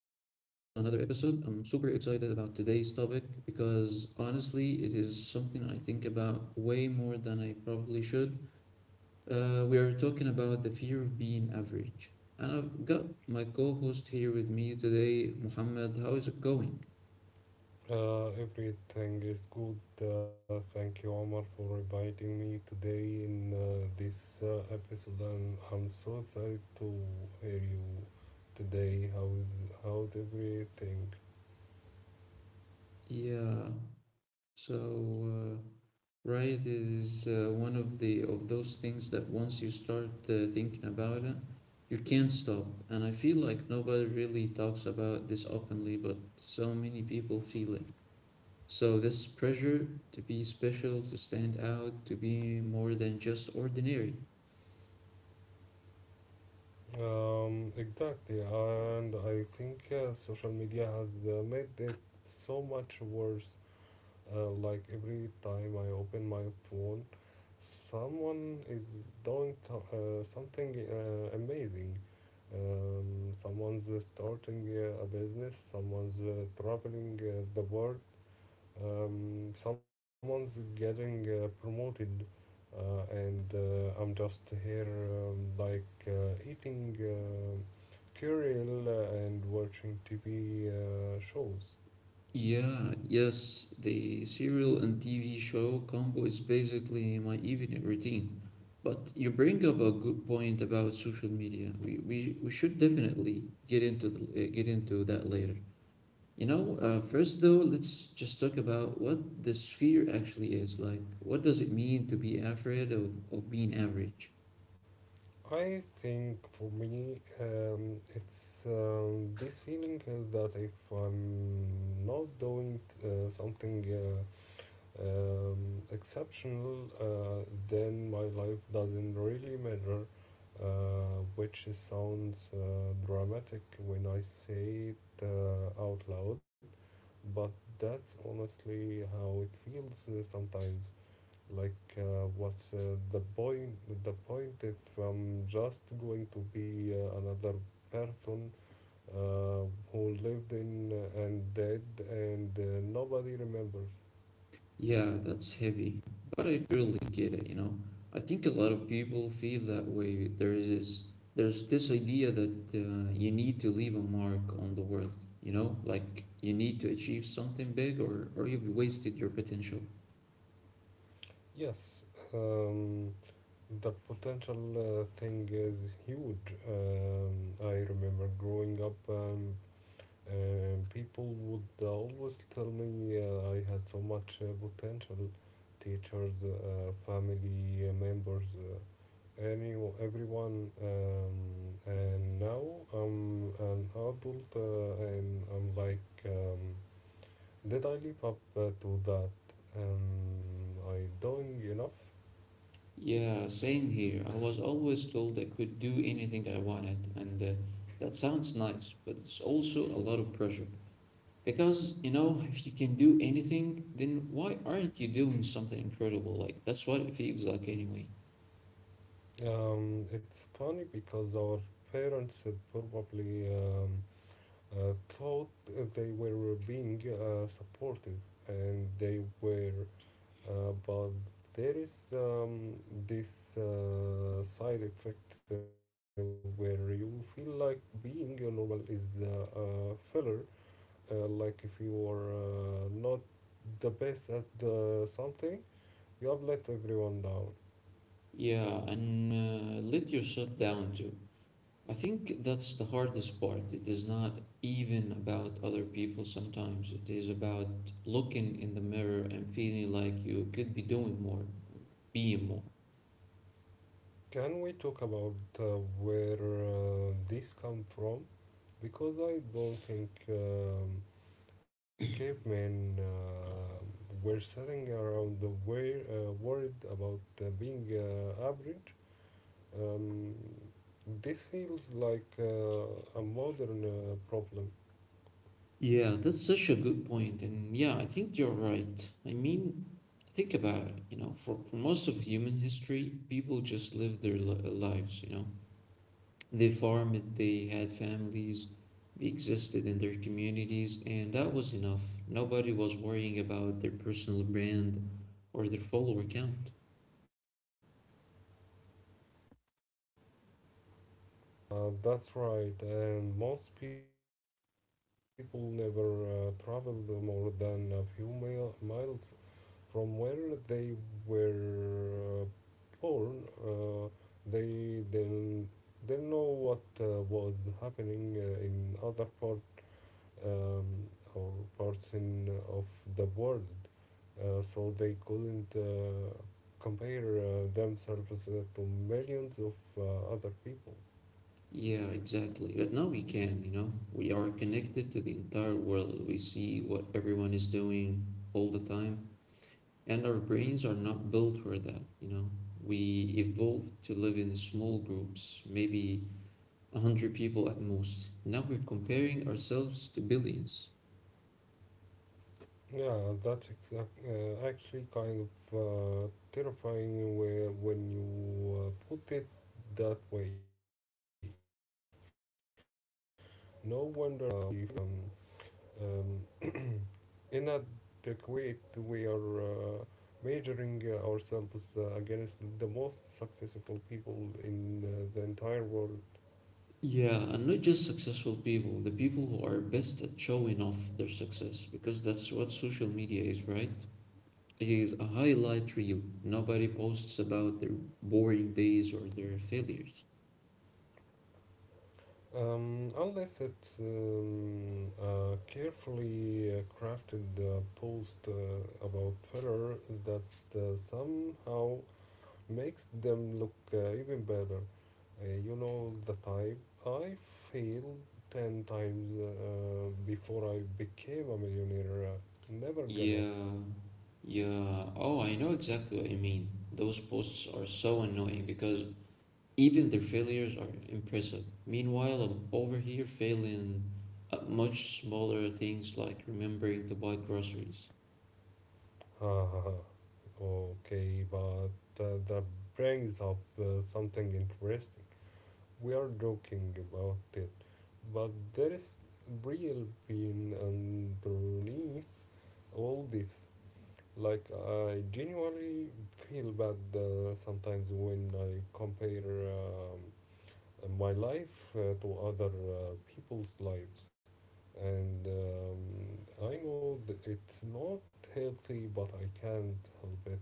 episode. I'm super excited about today's topic because honestly, it is something I think about way more than I probably should. We are talking about the fear of being average, and I've got my co host here with me today, Muhammad. How is it going? Everything is good. Thank you, Omar, for inviting me today in this episode, and I'm so excited to hear you today. How's everything? Yeah, so uh, Right, it is one of the of those things that once you start thinking about it, you can't stop. And I feel like nobody really talks about this openly, but so many people feel it. So this pressure to be special, to stand out, to be more than just ordinary. Exactly, and I think social media has made it so much worse. Like every time I open my phone, someone is doing something amazing. Someone's starting a business, someone's traveling the world, someone's getting promoted, and I'm just here like eating cereal and watching TV shows. Yeah, yes, the serial and TV show combo is basically my evening routine. But you bring up a good point about social media. We should definitely get into get into that later. First though, let's just talk about what this fear actually is. Like, what does it mean to be afraid of being average? I think for me, it's this feeling that if I'm not doing something exceptional, then my life doesn't really matter, which sounds dramatic when I say it out loud, but that's honestly how it feels sometimes. Like, what's the point? The point if I'm just going to be another person uh, who lived in and dead and nobody remembers. Yeah, that's heavy, but I really get it, you know. I think a lot of people feel that way. There's this idea that you need to leave a mark on the world, you know, like you need to achieve something big or you've wasted your potential. Yes, um, the potential thing is huge. I remember growing up people would always tell me I had so much potential. Teachers, family members, any everyone, and now I'm an adult, and I'm like, did I live up to that? Am I doing enough? Yeah, same here. I was always told I could do anything I wanted, and that sounds nice, but it's also a lot of pressure. Because, you know, if you can do anything, then why aren't you doing something incredible? Like, that's what it feels like anyway. It's funny because our parents probably thought they were being supportive and they were but there is this side effect where you feel like being a normal is a filler like if you are not the best at something you have let everyone down. Yeah, and let yourself down too. I think that's the hardest part. It is not even about other people sometimes. It is about looking in the mirror and feeling like you could be doing more, being more. Can we talk about uh, where this come from because I don't think cavemen were sitting around the way, worried about being average. Um, this feels like a modern problem. Yeah, that's such a good point, and yeah, I think you're right. I mean, think about it, you know, for most of human history, people just lived their lives, you know. They farmed, they had families, they existed in their communities, and that was enough. Nobody was worrying about their personal brand or their follower count. Right. Most people never traveled more than a few miles from where they were born. They didn't know what was happening in other parts um, or parts in of the world, so they couldn't compare themselves to millions of other people. Yeah, exactly. But now we can, you know, we are connected to the entire world. We see what everyone is doing all the time. And our brains are not built for that, you know. We evolved to live in small groups, maybe 100 people at most. Now we're comparing ourselves to billions. Yeah, that's exact. Actually, kind of terrifying where, when you put it that way. No wonder uh, we um, um, inadequate. We are measuring ourselves against the most successful people in the entire world. Yeah, and not just successful people, the people who are best at showing off their success, because that's what social media is, right? It is a highlight reel. Nobody posts about their boring days or their failures. Unless it's a carefully crafted post about failure that somehow makes them look even better. You know the type. I failed 10 times before I became a millionaire. Never give up. yeah, yeah. Oh, I know exactly what you mean. Those posts are so annoying because even their failures are impressive. Meanwhile, I'm over here failing at much smaller things like remembering to buy groceries. Ha, ha, ha. Okay, but that brings up something interesting. We are joking about it, but there is real pain underneath all this. Like, I genuinely feel bad sometimes when I compare my life to other people's lives. And I know that it's not healthy, but I can't help it.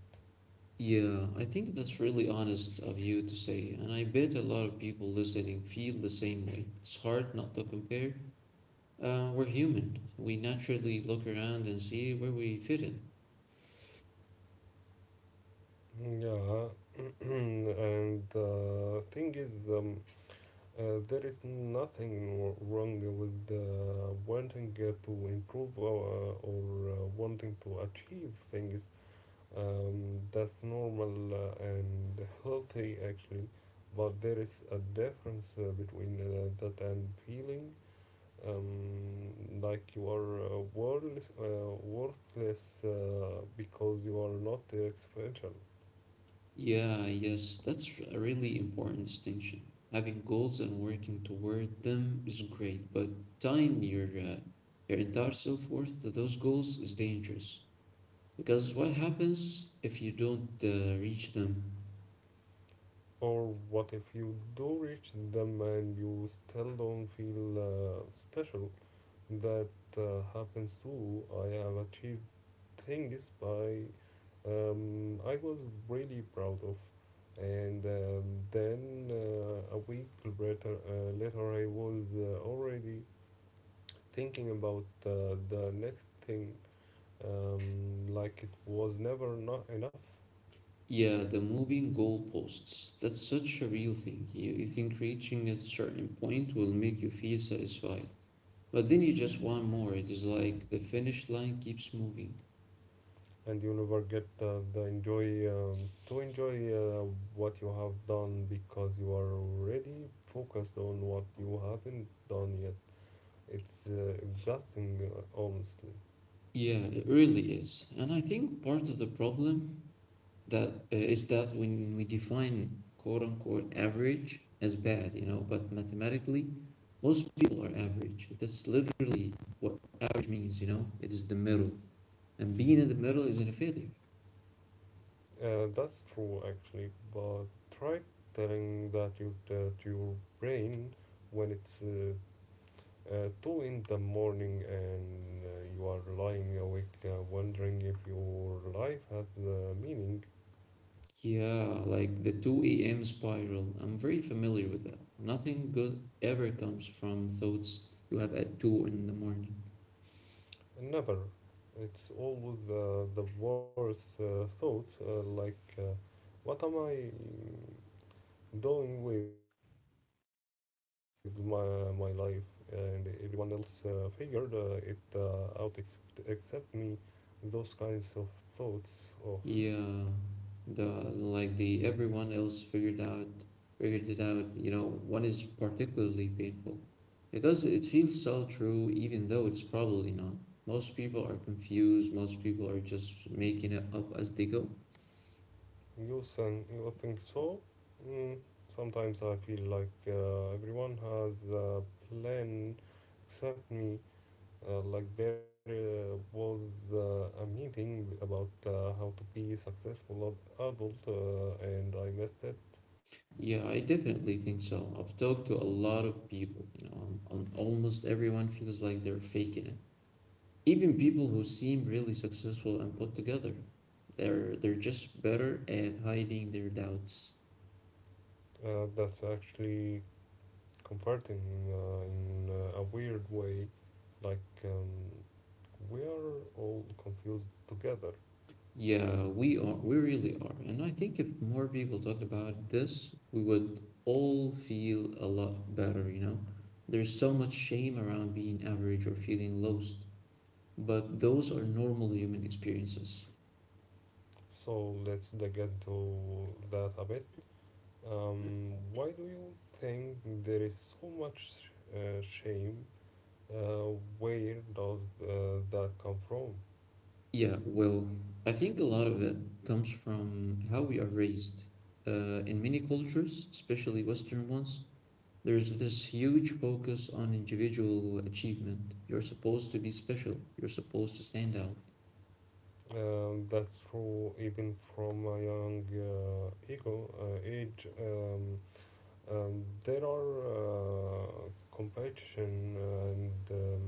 Yeah, I think that's really honest of you to say, and I bet a lot of people listening feel the same way. It's hard not to compare. We're human. We naturally look around and see where we fit in. Yeah, and thing is, there is nothing wrong with wanting to improve or wanting to achieve things, that's normal and healthy actually, but there is a difference between that and feeling like you are worthless, worthless because you are not special. Yeah, yes, that's a really important distinction. Having goals and working toward them is great, but tying your entire self-worth to those goals is dangerous. Because what happens if you don't reach them? Or what if you do reach them and you still don't feel special? That happens too. I have achieved things by I was really proud of. And then a week later I was already thinking about the next thing, like it was never not enough, Yeah, the moving goalposts. That's such a real thing. You think reaching a certain point will make you feel satisfied, but then you just want more. It is like the finish line keeps moving. and you never get the enjoy to enjoy what you have done because you are already focused on what you haven't done yet. It's exhausting, honestly. Yeah, it really is. And I think part of the problem that is that when we define quote unquote average as bad, you know, but mathematically, most people are average. That's literally what average means, you know, it is the middle. And being in the middle isn't a failure. That's true, actually, but try telling that you that your brain when it's two in the morning and you are lying awake wondering if your life has meaning. Yeah, like the 2 a.m. spiral. I'm very familiar with that. Nothing good ever comes from thoughts you have at 2 in the morning. Never. It's always the worst thoughts, like, what am I doing with my life and everyone else figured it out, except me, those kinds of thoughts of. Yeah, the like the everyone else figured it out, you know, one is particularly painful because it feels so true even though it's probably not. Most people are confused, most people are just making it up as they go. You think, you think so? mm, sometimes I feel like everyone has a plan except me, like there was a meeting about how to be successful adult and I missed it. Yeah, I definitely think so. I've talked to a lot of people, you know, almost everyone feels like they're faking it. Even people who seem really successful and put together, they're just better at hiding their doubts. That's actually comforting in a weird way. Like, we are all confused together. Yeah, we are. We really are. And I think if more people talked about this, we would all feel a lot better, you know? There's so much shame around being average or feeling lost, but those are normal human experiences. So let's dig into that a bit. Why do you think there is so much shame? Where does that come from? Yeah, well, I think a lot of it comes from how we are raised. In many cultures, especially Western ones, there's this huge focus on individual achievement. You're supposed to be special, you're supposed to stand out. That's true even from a young ego age. There are competition and um,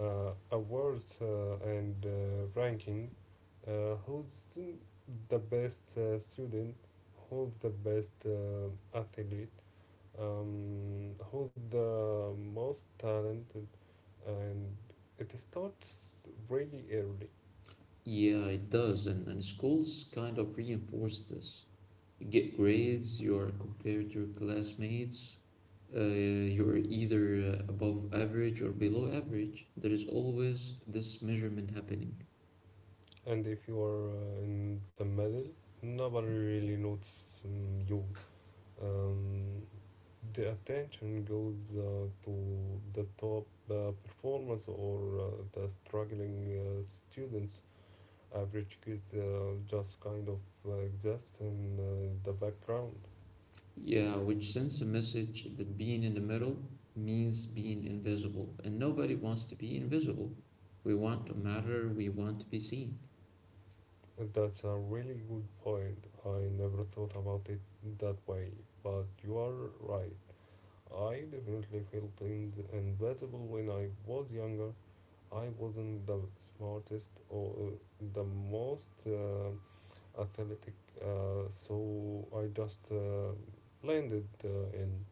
uh, awards and ranking, who's the best student, who's the best athlete, who's the most talented, and it starts really early. Yeah, it does, and schools kind of reinforce this. You get grades, you're compared to your classmates, you're either above average or below average. There is always this measurement happening. And if you are in the middle, nobody really notes you, um, the attention goes to the top performers or the struggling students. Average kids just kind of exist in the background. Yeah, which sends a message that being in the middle means being invisible, and nobody wants to be invisible. We want to matter, we want to be seen. That's a really good point. I never thought about it that way, but you are right. I definitely felt in invisible when I was younger. I wasn't the smartest or the most athletic. So I just landed in.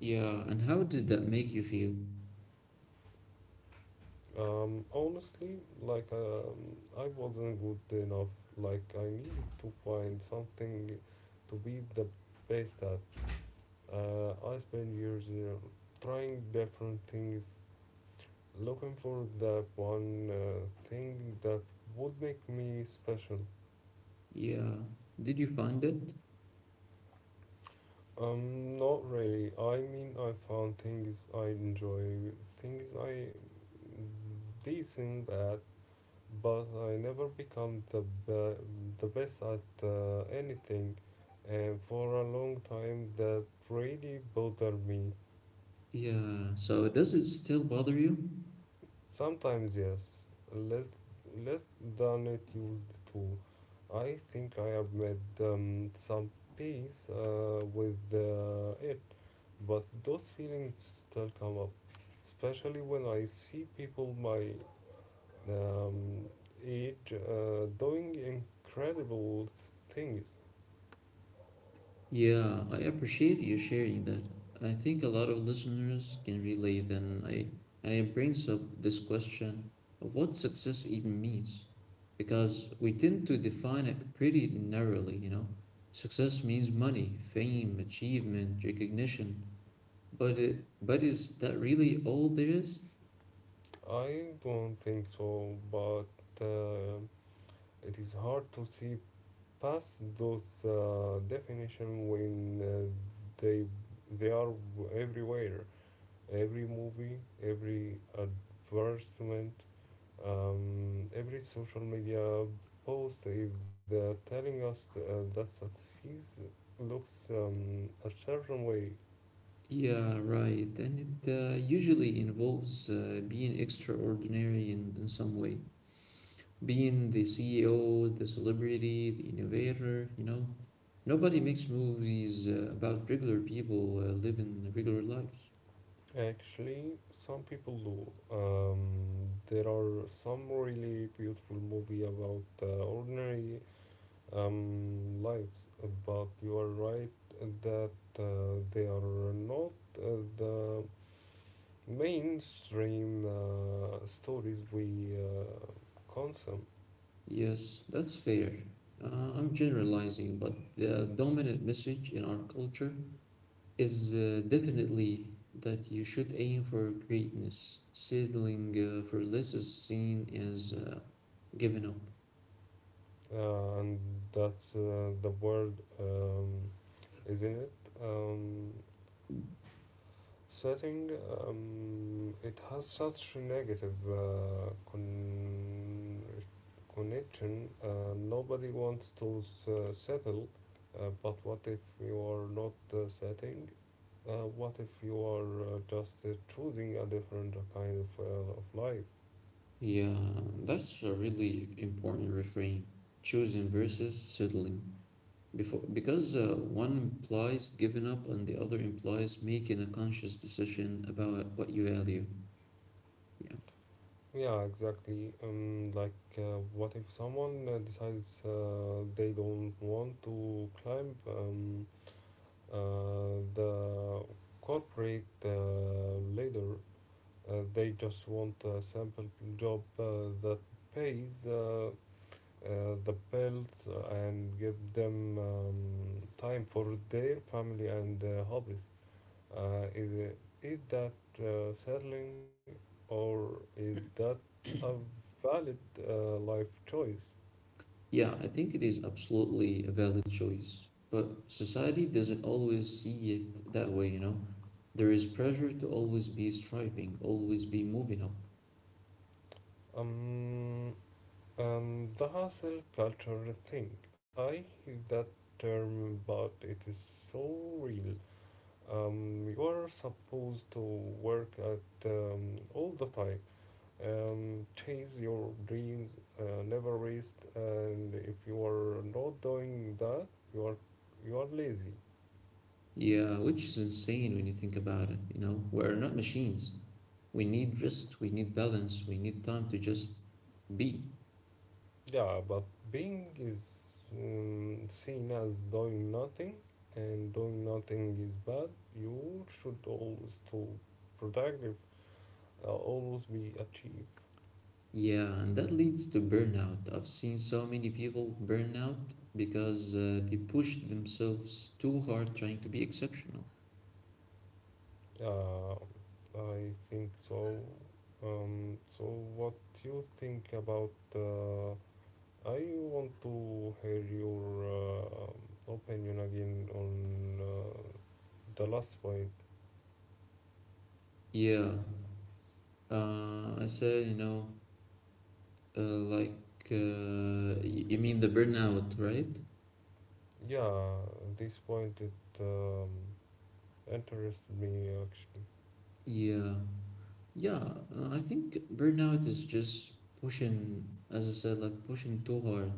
Yeah, and how did that make you feel? Honestly, like I wasn't good enough. Like I needed to find something to be the best at. I spent years, you know, trying different things, looking for that one thing that would make me special. Yeah, did you find it? Not really. I mean, I found things I enjoy, things I decent at, but I never become be- the best at anything, and for a long time that really bothered me. Yeah, so does it still bother you? Sometimes yes, less less than it used to. I think I have made some peace with it. But those feelings still come up, especially when I see people my um, age doing incredible things. Yeah, I appreciate you sharing that. I think a lot of listeners can relate, and I and it brings up this question of what success even means, because we tend to define it pretty narrowly, you know. Success means money, fame, achievement, recognition, but it but is that really all there is? I don't think so, but uh, it is hard to see past those definition when they they are everywhere. Every movie, every advertisement, every social media post is telling us that success looks a certain way. Yeah, right. And it usually involves being extraordinary in some way. Being the CEO, the celebrity, the innovator, you know. Nobody makes movies about regular people living regular lives. Actually, some people do. There are some really beautiful movie about ordinary lives, but you are right that they are not the mainstream stories we consume. Yes, that's fair. I'm generalizing, but the dominant message in our culture is definitely that you should aim for greatness. Settling for less is seen as giving up. And that's the word, um, isn't it? Um, Setting, it has such negative connection. Nobody wants to settle, but what if you are not setting? What if you are just choosing a different kind of life? Yeah, that's a really important refrain. Choosing versus settling. Before, because one implies giving up and the other implies making a conscious decision about what you value. Yeah. Yeah, exactly. Like, what if someone decides they don't want to climb the corporate ladder? They just want a simple job that pays the bills and give them time for their family and hobbies. Uh, is, is that settling or is that a valid life choice? Yeah, I think it is absolutely a valid choice, but society doesn't always see it that way, you know. There is pressure to always be striving, always be moving up. Um, and the hustle culture thing. I hate that term, but it is so real. You are supposed to work at all the time, chase your dreams, never rest, and if you are not doing that, you are you are lazy. Yeah, which is insane when you think about it, you know. We're not machines. We need rest, we need balance, we need time to just be. Yeah, but being is seen as doing nothing, and doing nothing is bad. You should always to productive, always be achieve. Yeah, and that leads to burnout. I've seen so many people burn out because they pushed themselves too hard trying to be exceptional. Uh, I think so. So what you think about? I want to hear your opinion again on the last point. Yeah, I said, you know, uh, like, you mean the burnout, right? Yeah, this point it. Um, Interested me actually. Yeah, yeah, I think burnout is just pushing, as I said, like pushing too hard.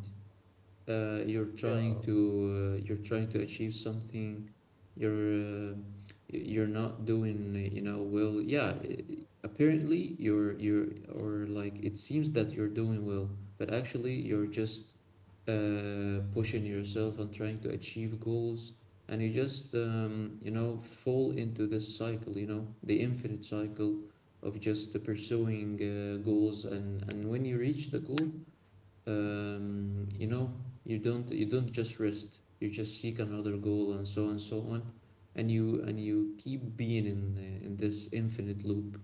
Yeah, You're trying to achieve something. you're uh, you're not doing, you know, well. Apparently you're or like it seems that you're doing well, but actually you're just pushing yourself and trying to achieve goals, and you just you know, fall into this cycle, you know, the infinite cycle of just pursuing goals. And when you reach the goal, you know, you don't just rest, you just seek another goal, and so on and so on, and you keep being in this infinite loop,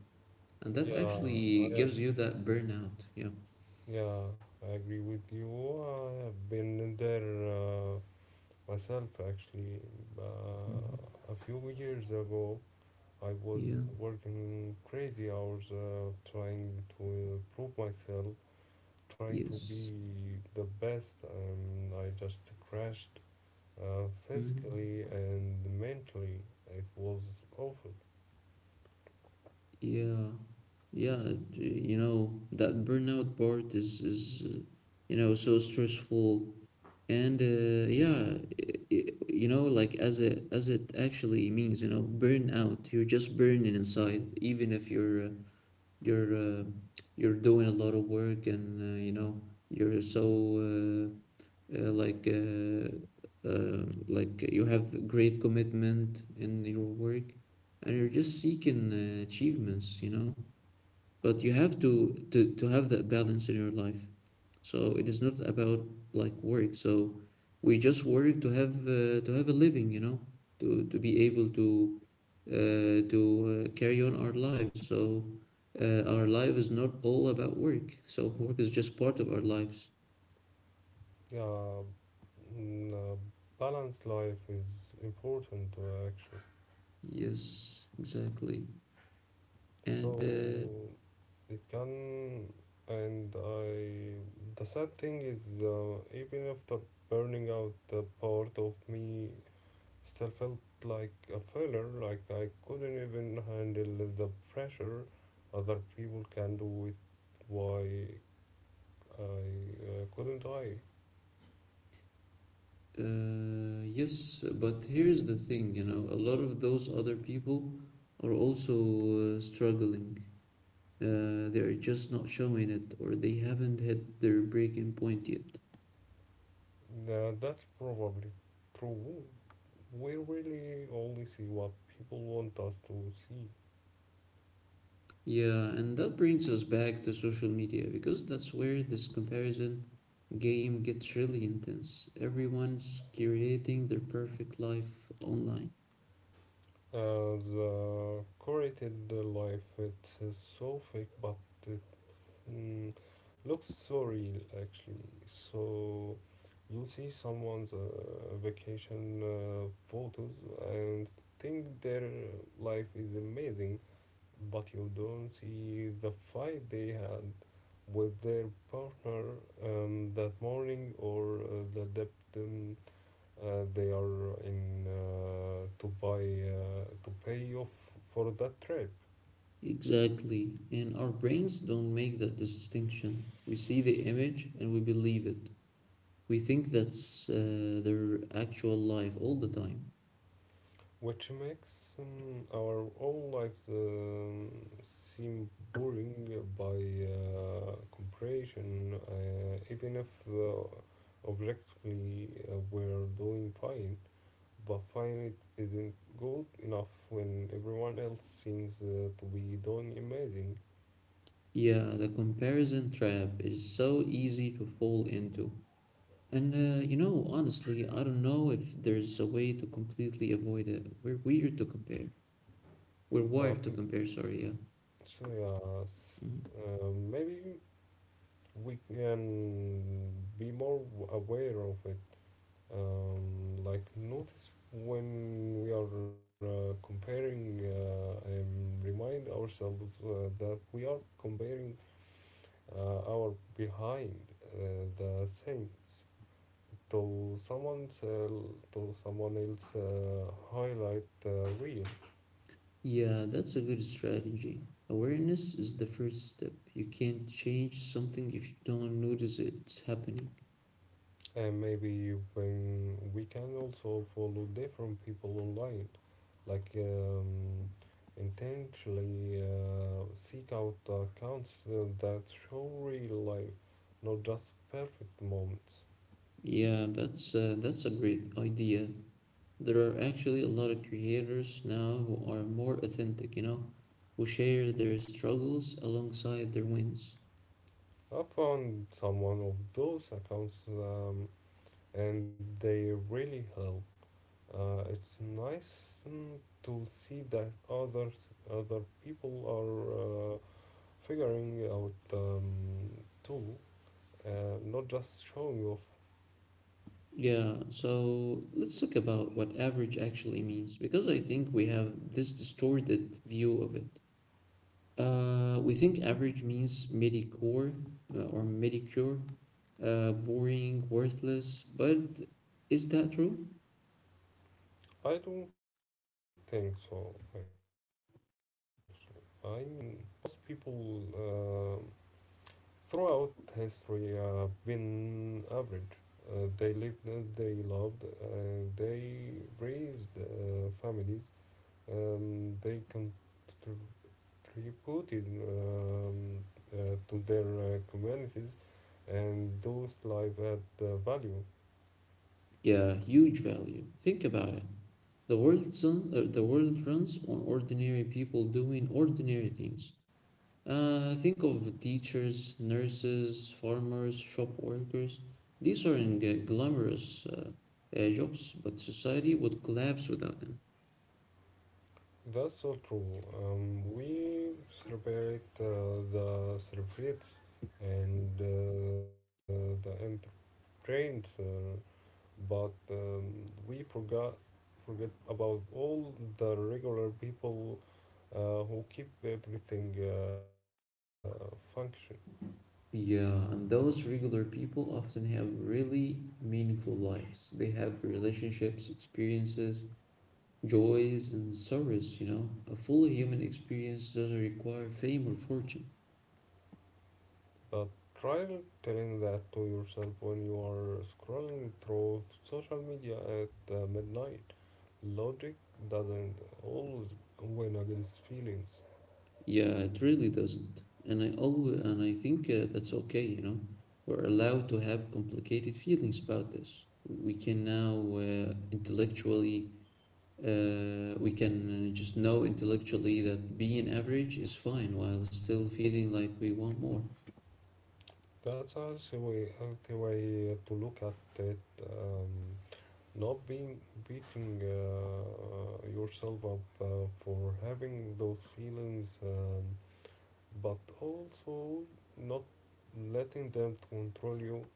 and that yeah, actually gives you that burnout, yeah. yeah, I agree with you. I have been there uh, myself actually. Mhm. A few years ago, I was Yeah. working crazy hours, trying to improve myself, trying to Yes. be the best, and I just crashed Hmm. physically and mentally. It was awful. yeah yeah it- you know, that burnout part is you know, so stressful. And yeah, you know, like as it actually means, you know, burn out, you're just burning inside, even if you're you're uh, you're doing a lot of work, and you know, you're so uh, uh, like uh, like you have great commitment in your work, and you're just seeking achievements, you know. But you have to have that balance in your life. So it is not about like work. So we just work to have a living, you know, to be able to uh, to carry on our lives. So our life is not all about work, so work is just part of our lives. Yeah, mm, uh, balanced life is important actually. Yes, exactly. So And, it can, and I. The sad thing is, even after burning out, the part of me still felt like a failure. Like I couldn't even handle the pressure other people can do it. Why I couldn't I? Yes, but here's the thing, you know, a lot of those other people are also struggling. They're just not showing it, or they haven't hit their breaking point yet. Yeah, that's probably true, we really only see what people want us to see. Yeah, and that brings us back to social media because that's where this comparison game gets really intense. Everyone's curating their perfect life online. The curated life, it's so fake, but it mm, looks so real actually. So you see someone's vacation photos and think their life is amazing, but you don't see the fight they had with their partner that morning or the depth. They are in to buy to pay off for that trip, Exactly. And our brains don't make that distinction. We see the image and we believe it. We think that's their actual life all the time. which makes our own lives seem boring by comparison. Even if objectively we're doing fine, but fine it isn't good enough when everyone else seems to be doing amazing. Yeah, the comparison trap is so easy to fall into. And honestly, I don't know if there's a way to completely avoid it. We're weird to compare. We're But wired to compare, sorry, yeah. so yeah, s- Mhm. Maybe we can be more aware of it. Like notice when we are comparing, and remind ourselves that we are comparing our behind uh, the scenes to someone's to someone else highlight reel. Yeah, that's a good strategy. Awareness is the first step. You can't change something if you don't notice it's happening. And maybe when we can also follow different people online, like intentionally seek out the accounts that show real life, not just perfect moments. Yeah, that's a great idea. There are actually a lot of creators now who are more authentic, who share their struggles alongside their wins. I found someone of those accounts and they really help. It's nice to see that other people are figuring out too, not just showing off. Yeah, so let's talk about what average actually means because I think we have this distorted view of it. We think average means mediocre, boring, worthless, but is that true? I don't think so, actually. I mean, most people throughout history have been average. They lived, they loved, they raised families, they contributed um, uh, to their communities, and those lives had value. Yeah, huge value. Think about it. The The world runs on ordinary people doing ordinary things. Think of teachers, nurses, farmers, shop workers. These aren't glamorous jobs, but society would collapse without them. That's so true. We celebrate the celebrities and the entertainers, but we forgot forget about all the regular people who keep everything function. Yeah, and those regular people often have really meaningful lives. They have relationships, experiences, joys, and sorrows. A full human experience doesn't require fame or fortune. But try telling that to yourself when you are scrolling through social media at midnight. Logic doesn't always win against feelings. Yeah, it really doesn't. And I think that's okay. We're allowed to have complicated feelings about this. We can just know intellectually that being average is fine while still feeling like we want more. That's a healthy way to look at it. Um, Not being beating yourself up for having those feelings, but also not letting them control you.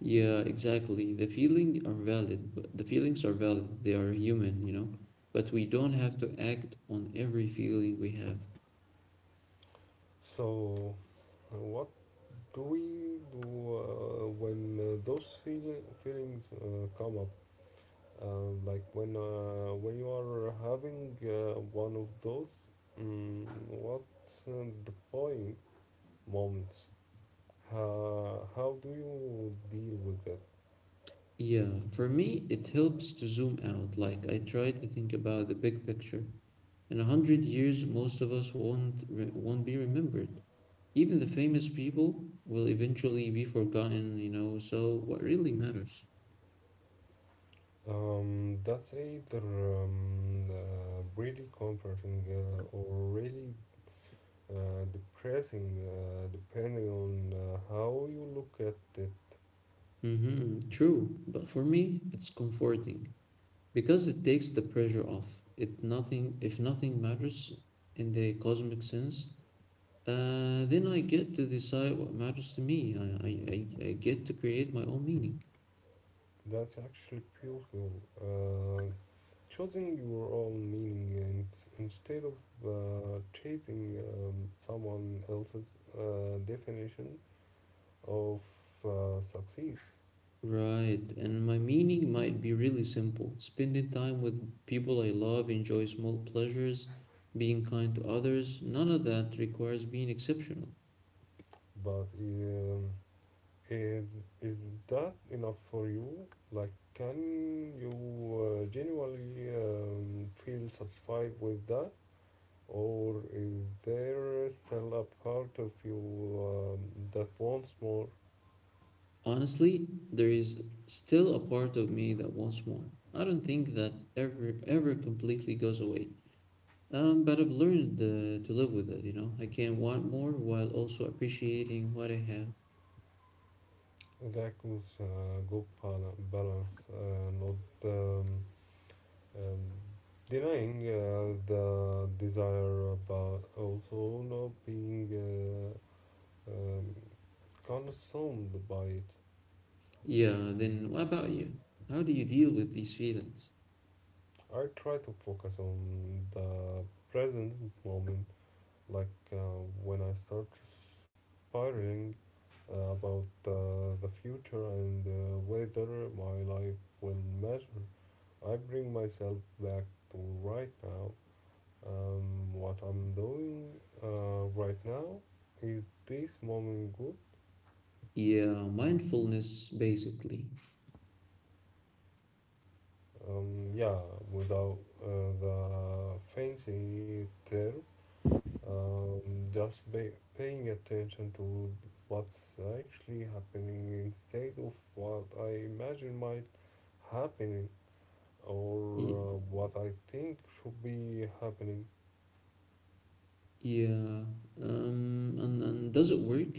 Yeah, exactly. The feelings are valid. They are human. But we don't have to act on every feeling we have. So, what do we do when those feelings come up, like when you are having one of those what's the point moments, how do you deal with it? Yeah, for me, it helps to zoom out. Like I try to think about the big picture. In 100 years, most of us won't be remembered. Even the famous people will eventually be forgotten. You know, so what really matters? That's either really comforting or really depressing depending on how you look at it. Mm-hmm, true. But for me, it's comforting because it takes the pressure off. It nothing if nothing matters in the cosmic sense. Then I get to decide what matters to me. I get to create my own meaning. That's actually beautiful. Uh, Choosing your own meaning and instead of chasing someone else's definition of success. Right, and my meaning might be really simple. Spending time with people I love, enjoy small pleasures, being kind to others, none of that requires being exceptional. But is, is that enough for you? Like, can you genuinely feel satisfied with that? Or is there still a part of you that wants more? Honestly, there is still a part of me that wants more. I don't think that ever completely goes away. But I've learned to live with it. I can want more while also appreciating what I have. The echoes go balance, not um, denying the desire, but also not being uh, um, consumed by it. Yeah, then what about you? How do you deal with these feelings? I try to focus on the present moment, like when I start spiraling about the future and whether my life will matter. I bring myself back to right now. What I'm doing right now, is this moment good? Yeah, mindfulness basically. Yeah, without uh, the fancy term, um, just ba- paying attention to what's actually happening instead of what I imagine might happen or Y- what I think should be happening. Yeah, and does it work?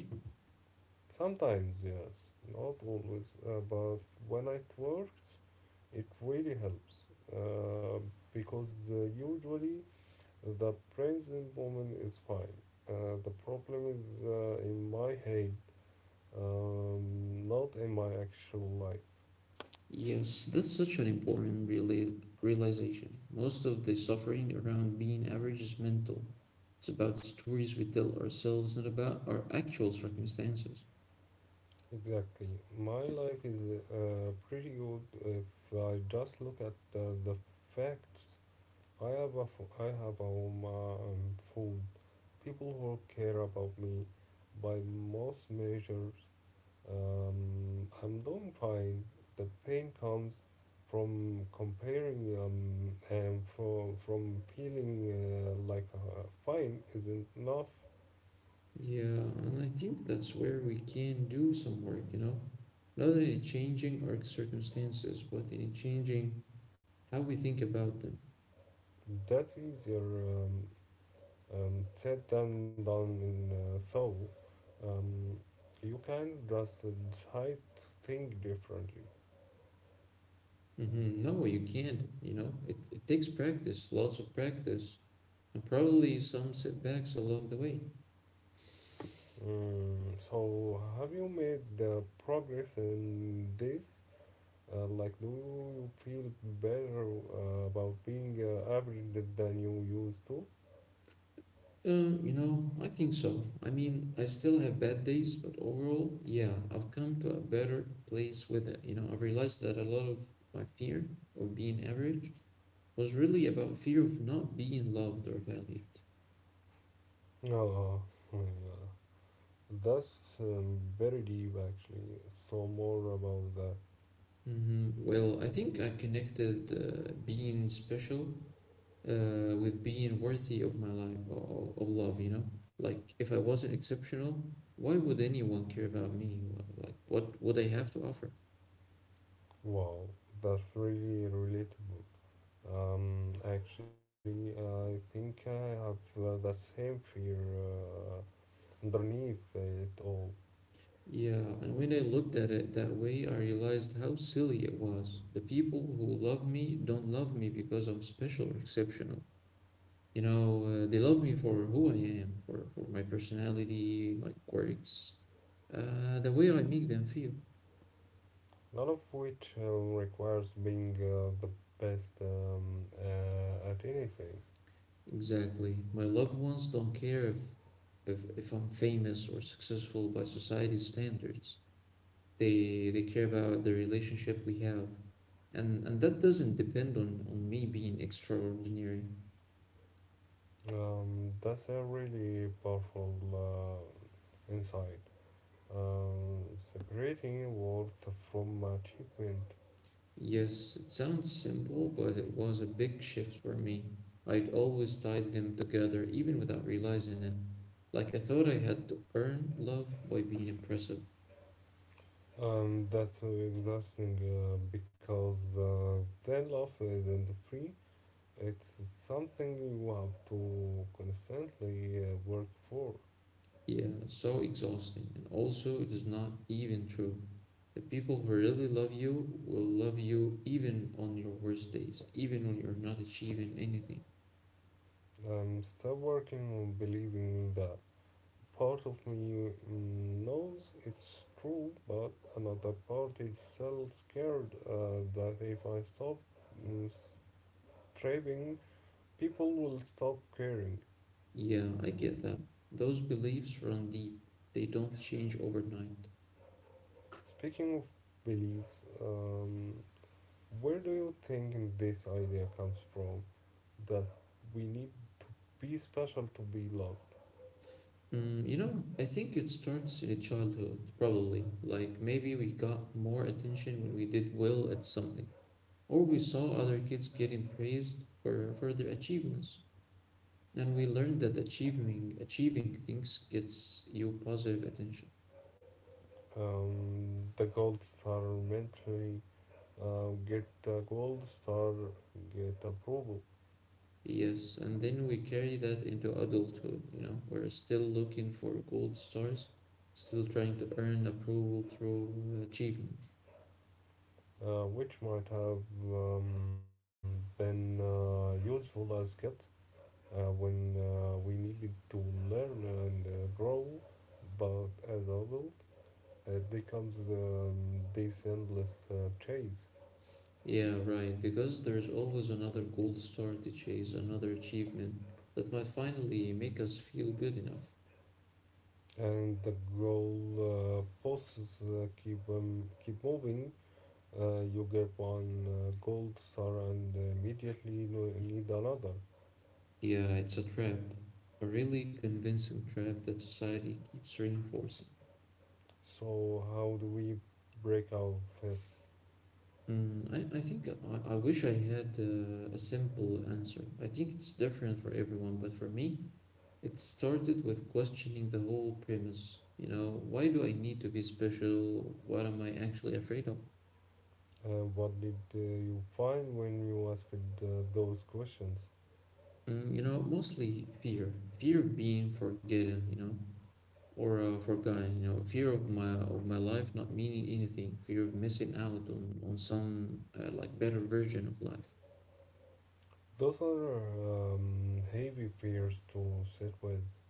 Sometimes, yes, not always, but when it works, it really helps uh, because usually the present moment is fine. The problem is in my head, not in my actual life. Yes, that's such an important realization. Most of the suffering around being average is mental. It's about stories we tell ourselves, not about our actual circumstances. Exactly. My life is pretty good if I just look at the facts. I have a I have a home and food. People who care about me by most measures. I'm doing fine. The pain comes from comparing and from feeling like fine isn't enough. Yeah, and I think that's where we can do some work, you know? Not only changing our circumstances, but in changing how we think about them. That's easier said than done in though. Um, you can just decide to think differently. No, you can't, you know? It takes practice, lots of practice. And probably some setbacks along the way. Mm, so, have you made the progress in this? Like, do you feel better about being average than you used to? You know, I think so. I mean, I still have bad days, but overall, yeah, I've come to a better place with it. You know, I've realized that a lot of my fear of being average was really about fear of not being loved or valued. Oh, yeah. That's very deep, actually. So, more about that. Well, I think I connected being special with being worthy of my life of love, you know, like if I wasn't exceptional, why would anyone care about me? Like, what would I have to offer? Wow, that's really relatable. Actually, I think I have the same fear uh, underneath it all. Yeah, and when I looked at it that way, I realized how silly it was. The people who love me don't love me because I'm special or exceptional. You know, they love me for who I am, for my personality, my quirks, the way I make them feel. None of which requires being the best at anything. Exactly. My loved ones don't care if if I'm famous or successful by society's standards. They care about the relationship we have. And that doesn't depend on me being extraordinary. That's a really powerful insight. Separating worth from achievement. Yes, it sounds simple, but it was a big shift for me. I'd always tied them together even without realizing it. Like I thought I had to earn love by being impressive. That's so exhausting because then love isn't free. It's something you have to constantly work for. Yeah, so exhausting. And also, it is not even true. The people who really love you will love you even on your worst days, even when you're not achieving anything. Stop working on believing that. Part of me knows it's true, but another part is so scared that if I stop mm, striving, people will stop caring. Yeah, I get that. Those beliefs run deep, they don't change overnight. Speaking of beliefs, where do you think this idea comes from? That we need to be special to be loved. Mm, you know, I think it starts in childhood, probably. Like maybe we got more attention when we did well at something, or we saw other kids getting praised for, their achievements. And we learned that achieving things gets you positive attention. The gold star mentally, get a gold star, get approval. Yes, and then we carry that into adulthood, you know. We're still looking for gold stars, still trying to earn approval through achievement. Which might have been useful as kids when we needed to learn and grow, but as adult, it becomes this endless chase, Yeah, right, because there's always another gold star to chase, another achievement that might finally make us feel good enough. and the goal posts keep moving. You get one gold star and immediately need another. Yeah, it's a trap, a really convincing trap that society keeps reinforcing. So how do we break out of it? Mm, I think I wish I had a simple answer. I think it's different for everyone, but for me, it started with questioning the whole premise. You know, why do I need to be special? What am I actually afraid of? And what did you find when you asked those questions? Mm, you know, mostly fear. Fear of being forgotten, you know, or fear of my life not meaning anything, fear of missing out on some like better version of life. Those are heavy fears to sit with.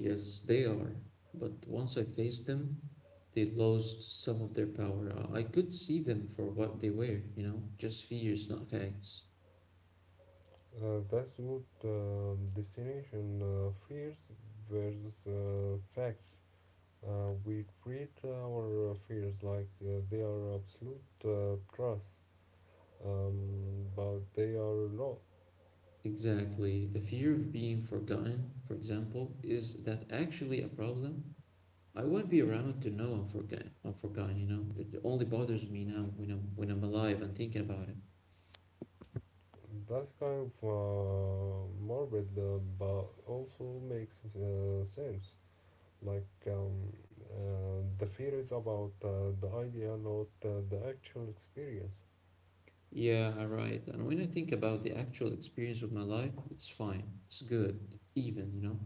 Yes, they are. But once I faced them, they lost some of their power. I could see them for what they were, you know, just fears, not facts. That's good destination, fears versus facts. We treat our fears like they are absolute trust, but they are not. Exactly. The fear of being forgotten, for example, is that actually a problem? I won't be around to know I'm forgotten. I'm forgotten, you know. It only bothers me now when I'm alive and thinking about it. That's kind of morbid, but also makes sense. Like the fear is about the idea, not the actual experience. Yeah, right. And when I think about the actual experience of my life, it's fine. It's good, even, you know.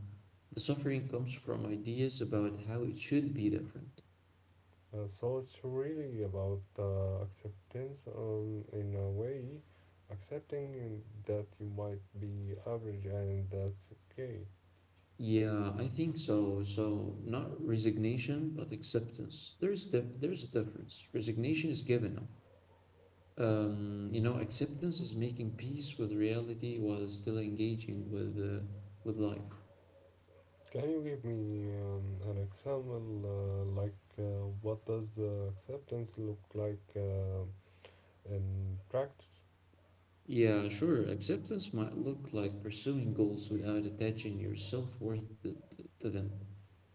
The suffering comes from ideas about how it should be different. So it's really about acceptance in a way, accepting that you might be average and that's okay. Yeah, I think so. So not resignation, but acceptance. There's a difference. Resignation is giving up. You know, acceptance is making peace with reality while still engaging with life. Can you give me an example, like what does acceptance look like in practice? Yeah, sure. Acceptance might look like pursuing goals without attaching your self-worth to them.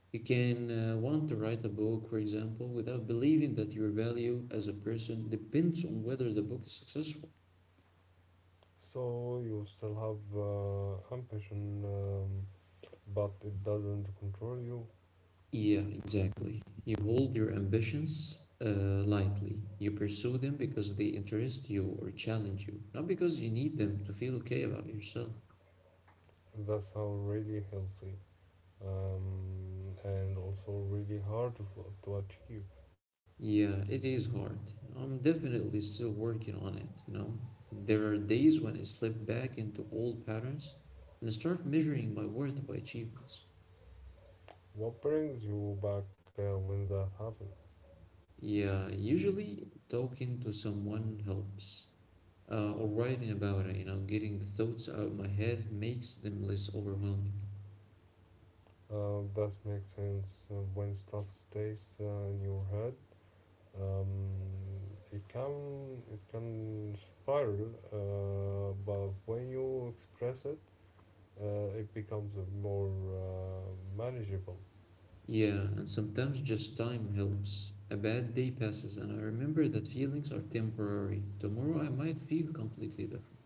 You can want to write a book, for example, without believing that your value as a person depends on whether the book is successful. So you still have ambition, but it doesn't control you. Yeah, exactly. You hold your ambitions lightly. You pursue them because they interest you or challenge you, not because you need them to feel okay about yourself. That's how really healthy and also really hard to achieve. Yeah, it is hard. I'm definitely still working on it, you know. There are days when I slip back into old patterns and start measuring my worth by achievements. What brings you back when that happens? Yeah, usually talking to someone helps. Or writing about it, you know, getting the thoughts out of my head makes them less overwhelming. That makes sense when stuff stays in your head. um, it can spiral, but when you express it, it becomes more manageable. Yeah, and sometimes just time helps. A bad day passes, and I remember that feelings are temporary. Tomorrow I might feel completely different.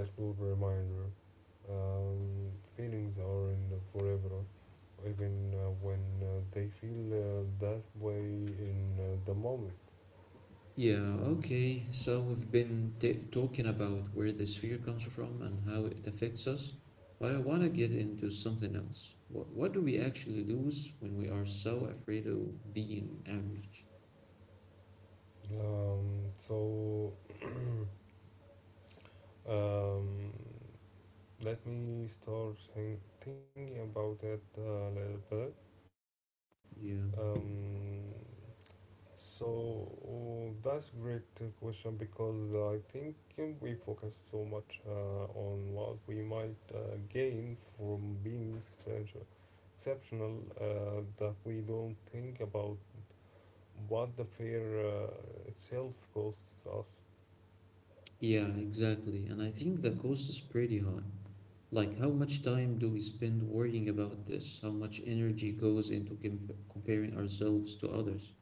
That good reminder. Feelings aren't forever, even when they feel that way in the moment. Yeah, okay. So we've been talking about where this fear comes from and how it affects us, but I want to get into something else. What do we actually lose when we are so afraid of being average? Um, so um, Let me start thinking about it a little bit. Yeah. Um, So that's great question because I think we focus so much on what we might gain from being exceptional that we don't think about what the fair itself costs us. Yeah, exactly. And I think the cost is pretty high. Like, how much time do we spend worrying about this? How much energy goes into comparing ourselves to others?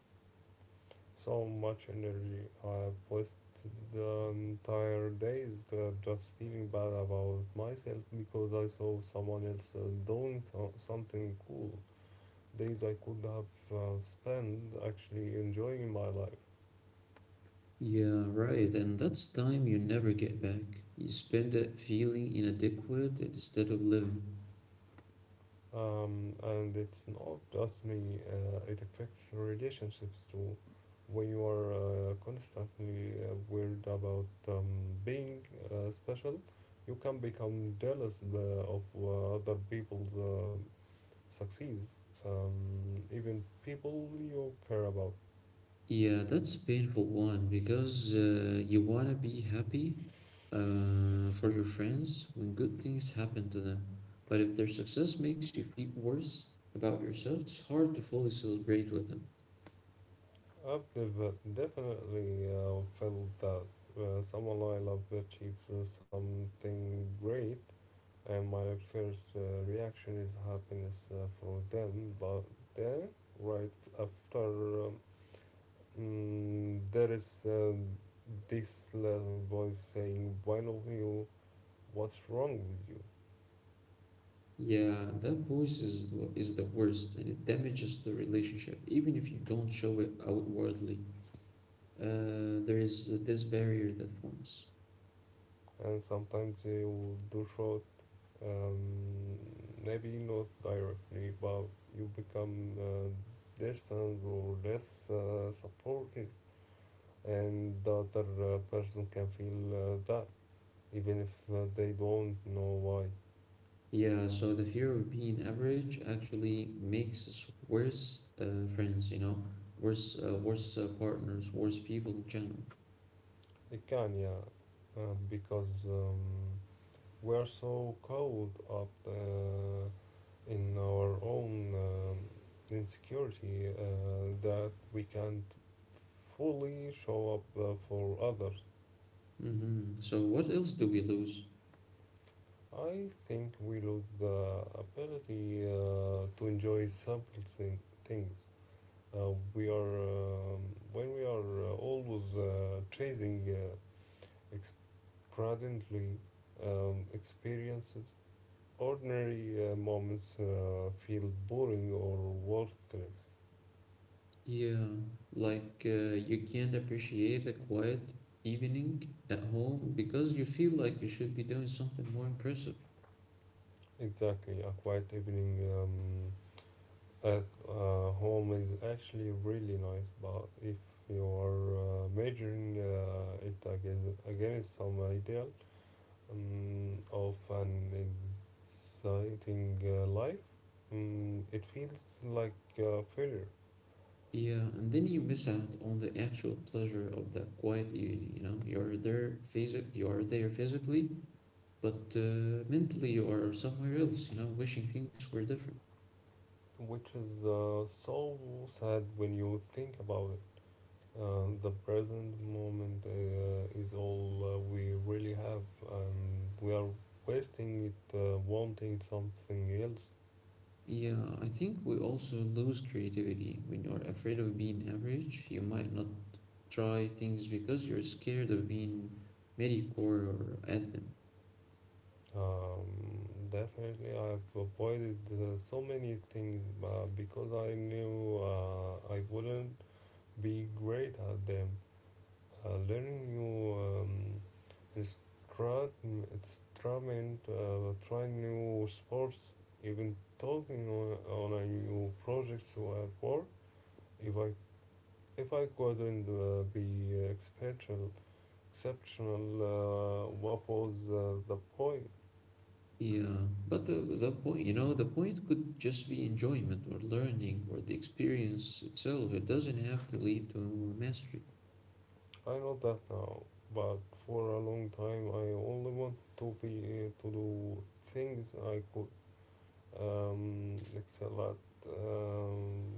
So much energy. I've wasted the entire days just feeling bad about myself because I saw someone else doing something cool, days I could have spent actually enjoying my life. Yeah, right. And that's time you never get back. You spend it feeling inadequate instead of living. And it's not just me, it affects relationships too. When you are constantly worried about being special, you can become jealous of other people's success, even people you care about. Yeah, that's a painful one because you want to be happy for your friends when good things happen to them. But if their success makes you feel worse about yourself, it's hard to fully celebrate with them. I've definitely felt that someone I love achieves something great, and my first reaction is happiness for them. But then, right after, um, there is this little voice saying, "Why not you? What's wrong with you?" Yeah, that voice is the worst, and it damages the relationship, even if you don't show it outwardly. There is this barrier that forms. And sometimes you do show. Um, Maybe not directly, but you become distant or less supportive, and the other person can feel that even if they don't know why. Yeah, so the fear of being average actually makes us worse friends, you know, worse partners, worse people in general. It can, yeah, because we are so caught up in our own insecurity that we can't fully show up for others. So what else do we lose? I think we lose the ability to enjoy simple things. We are When we are always chasing extravagantly experiences. Ordinary moments feel boring or worthless. Yeah, like you can't appreciate a quiet evening at home because you feel like you should be doing something more impressive. Exactly, a quiet evening. At home is actually really nice, but if you are measuring it against some ideal of an exciting life, it feels like a failure, Yeah, and then you miss out on the actual pleasure of that quiet evening, you know. You are there physically, but mentally you are somewhere else, you know, wishing things were different. which is so sad when you think about it. The present moment is all we really have, and we are wasting it wanting something else. Yeah, I think we also lose creativity when you're afraid of being average. You might not try things because you're scared of being mediocre or at them. Um, Definitely, I've avoided so many things because I knew I wouldn't be great at them. Learning new instru- instrument, trying new sports, even talking on a new projects at work. If I if I couldn't be exceptional, what was the point? Yeah, but the point, you know, the point could just be enjoyment or learning or the experience itself. It doesn't have to lead to mastery. I know that now, but for a long time I only want to be to do things I could excel at,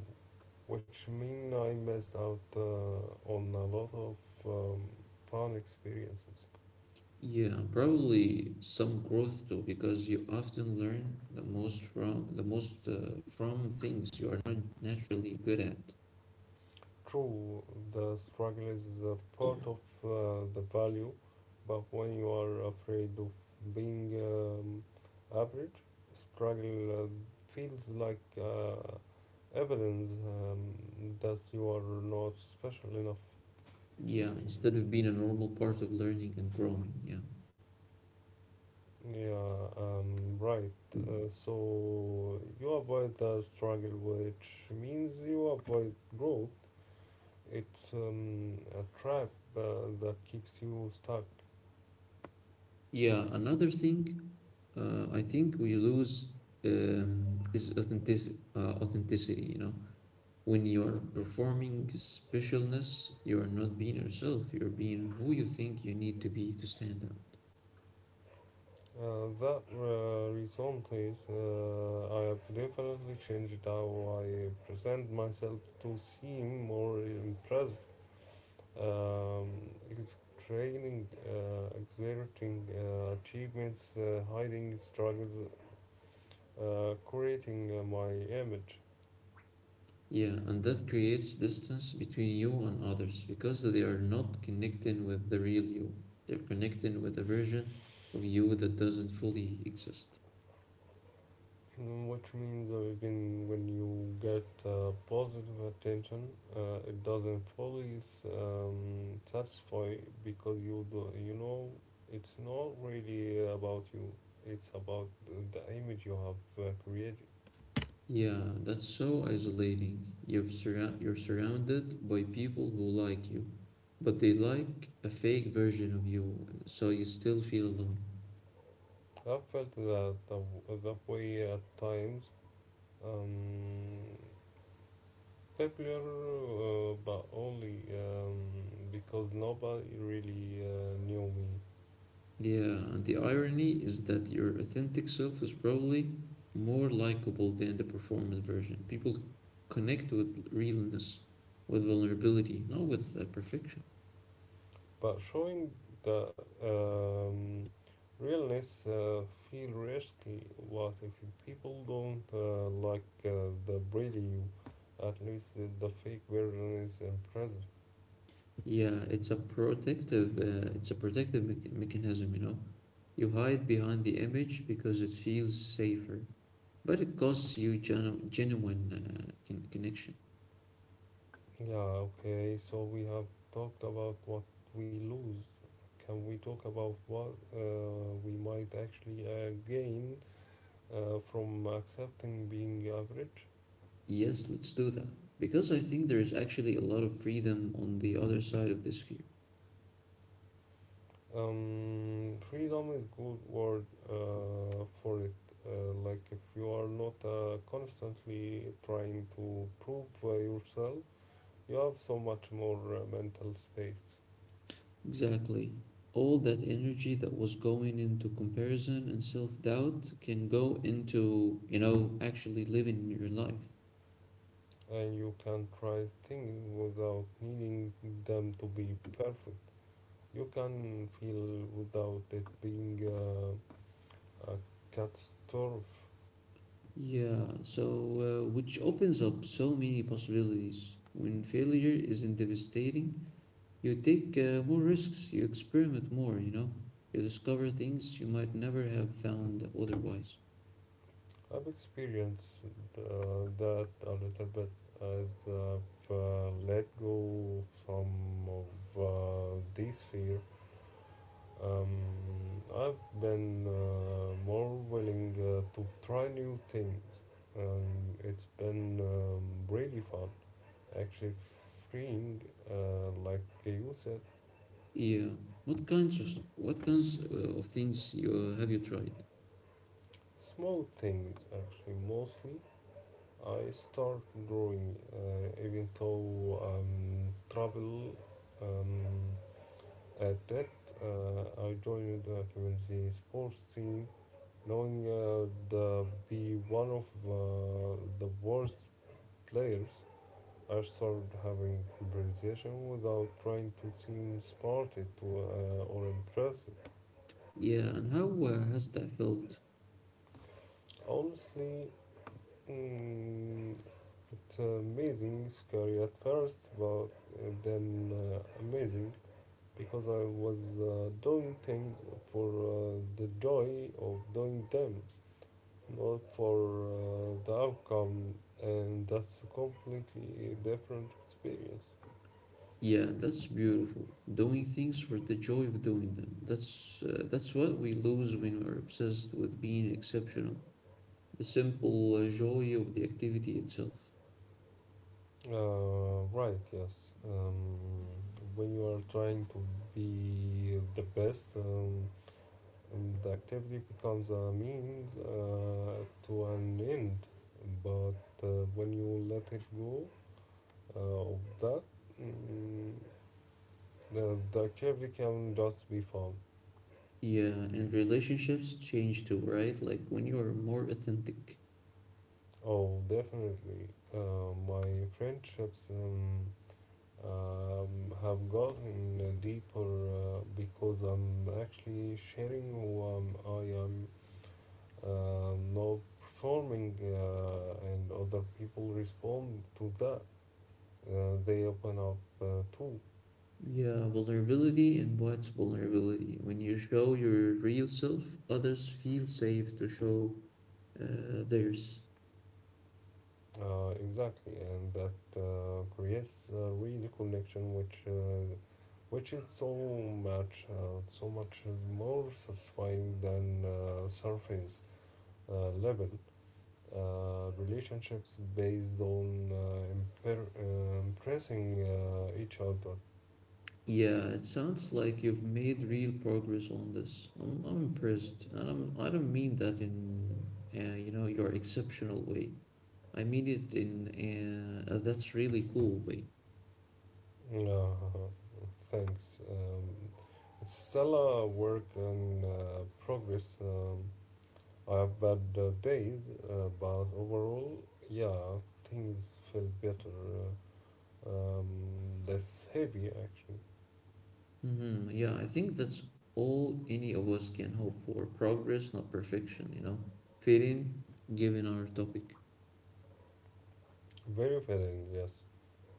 which mean I missed out on a lot of um, fun experiences. Yeah, probably some growth too, because you often learn the most from things you are not naturally good at. True, the struggle is a part of the value, but when you are afraid of being average, struggle feels like evidence that you are not special enough. Yeah, instead of being a normal part of learning and growing. Yeah. Yeah, right. So you avoid the struggle, which means you avoid growth. It's a trap uh, that keeps you stuck. Yeah, another thing I think we lose is authenticity, you know. When you are performing specialness, you are not being yourself. You're being who you think you need to be to stand out. That reason, please. I have definitely changed how I present myself to seem more impressive, um, training, exerting achievements, hiding struggles, creating my image. Yeah, and that creates distance between you and others because they are not connecting with the real you. They're connecting with a version of you that doesn't fully exist. Which means even when you get positive attention, it doesn't fully satisfy because you do you know it's not really about you. It's about the image you have created. Yeah, that's so isolating. You're surrounded by people who like you, but they like a fake version of you, so you still feel alone. I felt that that way at times. Um, popular, but only because nobody really knew me Yeah, and the irony is that your authentic self is probably more likable than the performance version. People connect with realness, with vulnerability, not with perfection. but showing the um, realness feel risky. What if people don't like the preview? At least the fake version is impressive. Yeah, it's a it's a protective mechanism, you know. You hide behind the image because it feels safer, but it costs you genuine connection. Yeah, okay. So we have talked about what we lose. Can we talk about what we might actually gain from accepting being average? Yes, let's do that. Because I think there is actually a lot of freedom on the other side of this fear. Freedom is good word for it. Like if you are not constantly trying to prove yourself, you have so much more mental space, Exactly. All that energy that was going into comparison and self doubt can go into, you know, actually living your life. and you can try things without needing them to be perfect. You can feel without it being a catastrophe. Yeah, so which opens up so many possibilities. When failure isn't devastating, you take more risks, you experiment more, you know, you discover things you might never have found otherwise. I've experienced that a little bit as I've let go of some of this fear. Um, I've been more willing to try new things, and it's been really fun. Actually, freeing, like you said, Yeah, what kinds of things you have you tried? small things actually mostly I start drawing even though I'm trouble um, at that. I joined the community sports team, knowing to be one of the worst players. I started having conversation without trying to seem smart to, or impressive. Yeah, and how has that felt? Honestly, mm, it's amazing, scary at first, but then amazing, because I was doing things for the joy of doing them, not for the outcome, and that's a completely different experience. Yeah, that's beautiful. Doing things for the joy of doing them. That's what we lose when we're obsessed with being exceptional. The simple joy of the activity itself. Right, yes. When you are trying to be the best, and the activity becomes a means to an end, but when you let it go uh, of that, mm, The every cabin does be fun. Yeah, and relationships change too, right? Like when you are more authentic. Oh, definitely. My friendships have gotten deeper because I'm actually sharing who I am now performing, and other people respond to that. They open up too. Yeah, vulnerability invites vulnerability. When you show your real self, others feel safe to show theirs. Exactly, and that creates a real connection, which is so much more satisfying than surface level relationships based on impressing each other. Yeah, it sounds like you've made real progress on this. I'm impressed, and I don't mean that in, you know, your exceptional way. I mean it in a that's really cool way. Uh, Thanks. It's still a work in progress. I have bad days, but overall, yeah, things feel better, uh, um, less heavy actually. Hmm. Yeah, I think that's all any of us can hope for. Progress, not perfection, you know. Fit in, given our topic. Very fitting, yes.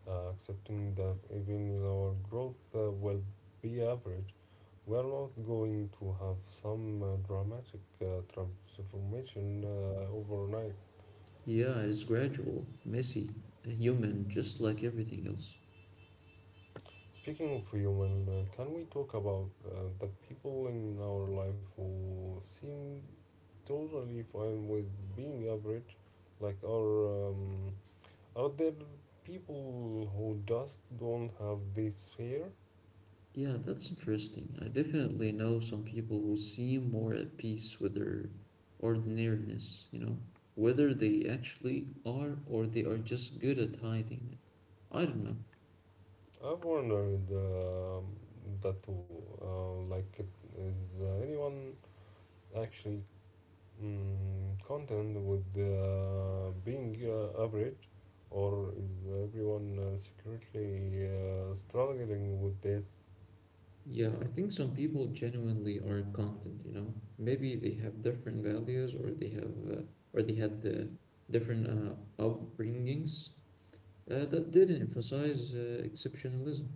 Accepting that even in our growth will be average, we are not going to have some dramatic transformation overnight. Yeah, it's gradual, messy, human, just like everything else. Speaking of human, can we talk about the people in our life who seem totally fine with being average? Like, are there people who just don't have this fear? Yeah, that's interesting. I definitely know some people who seem more at peace with their ordinariness, you know, whether they actually are or they are just good at hiding it. I don't know. I've wondered that too. Like, it, is anyone actually mm, content with being average, or is everyone secretly struggling with this? Yeah, I think some people genuinely are content, you know. Maybe they have different values or they have or they had the different upbringings that didn't emphasize exceptionalism.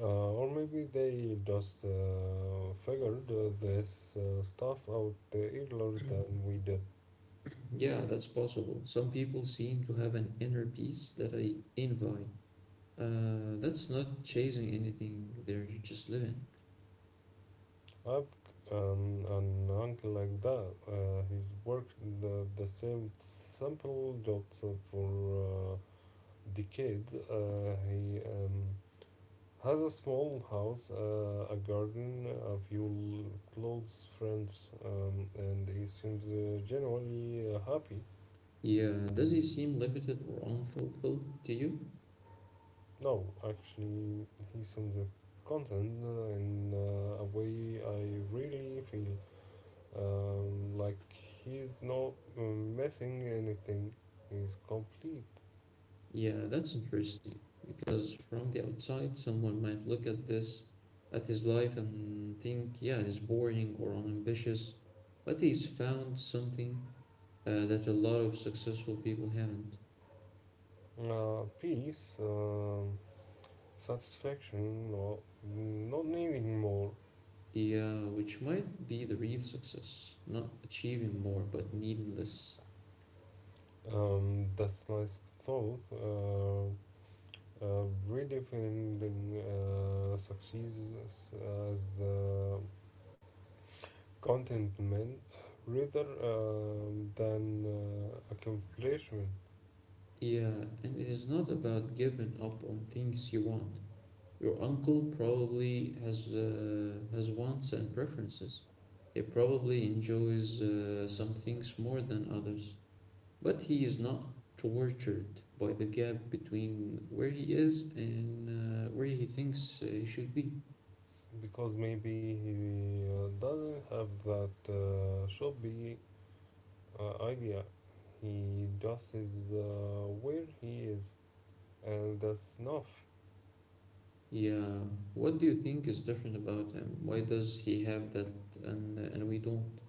Or maybe they just figured this stuff out earlier than we did. Yeah, that's possible. Some people seem to have an inner peace that I envy. That's not chasing anything, they're just living. I've an uncle like that. He's worked the same simple job so for uh, decades. He has a small house, a garden, a few close friends, and he seems generally happy. Yeah, does he seem limited or unfulfilled to you? No, actually, he seems content in a way I really feel. Like he's not missing anything. He's complete. Yeah, that's interesting because from the outside, someone might look at this, at his life, and think, yeah, it's boring or unambitious, but he's found something that a lot of successful people haven't. Peace, satisfaction, or not needing more. Yeah, which might be the real success, not achieving more, but needing less. That's nice thought. Redefining success as contentment rather than accomplishment. Yeah, and it is not about giving up on things you want. Your uncle probably has wants and preferences. He probably enjoys some things more than others, but he is not tortured by the gap between where he is and where he thinks he should be. Because maybe he doesn't have that shoppy idea. He just is where he is, and that's enough. Yeah, what do you think is different about him? Why does he have that and we don't?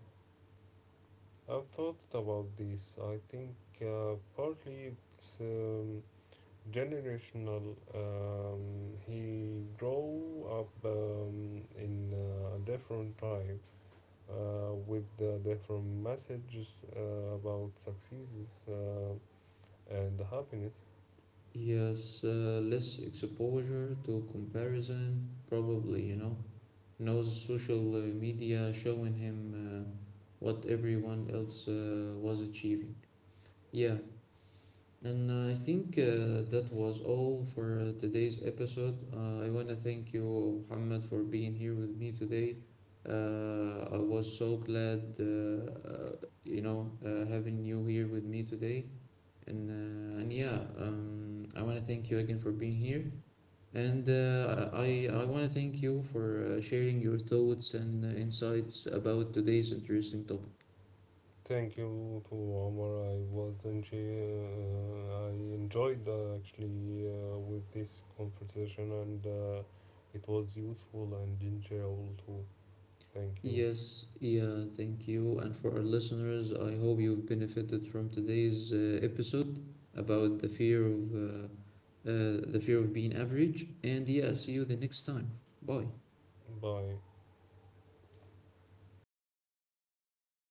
I've thought about this. I think partly it's generational. He grew up in a different time with different messages about successes and happiness. Yes, less exposure to comparison, probably, you know. Knows social media showing him what everyone else was achieving. Yeah, and I think that was all for today's episode. I want to thank you, Muhammad, for being here with me today. I was so glad, you know, having you here with me today. And yeah, I want to thank you again for being here. And I want to thank you for sharing your thoughts and insights about today's interesting topic. Thank you to Omar. I enjoyed actually with this conversation, and it was useful and enjoyable too. Thank you. Yes, yeah, thank you. And for our listeners, I hope you've benefited from today's episode about the fear of being average. And yeah, see you the next time. Bye. Bye.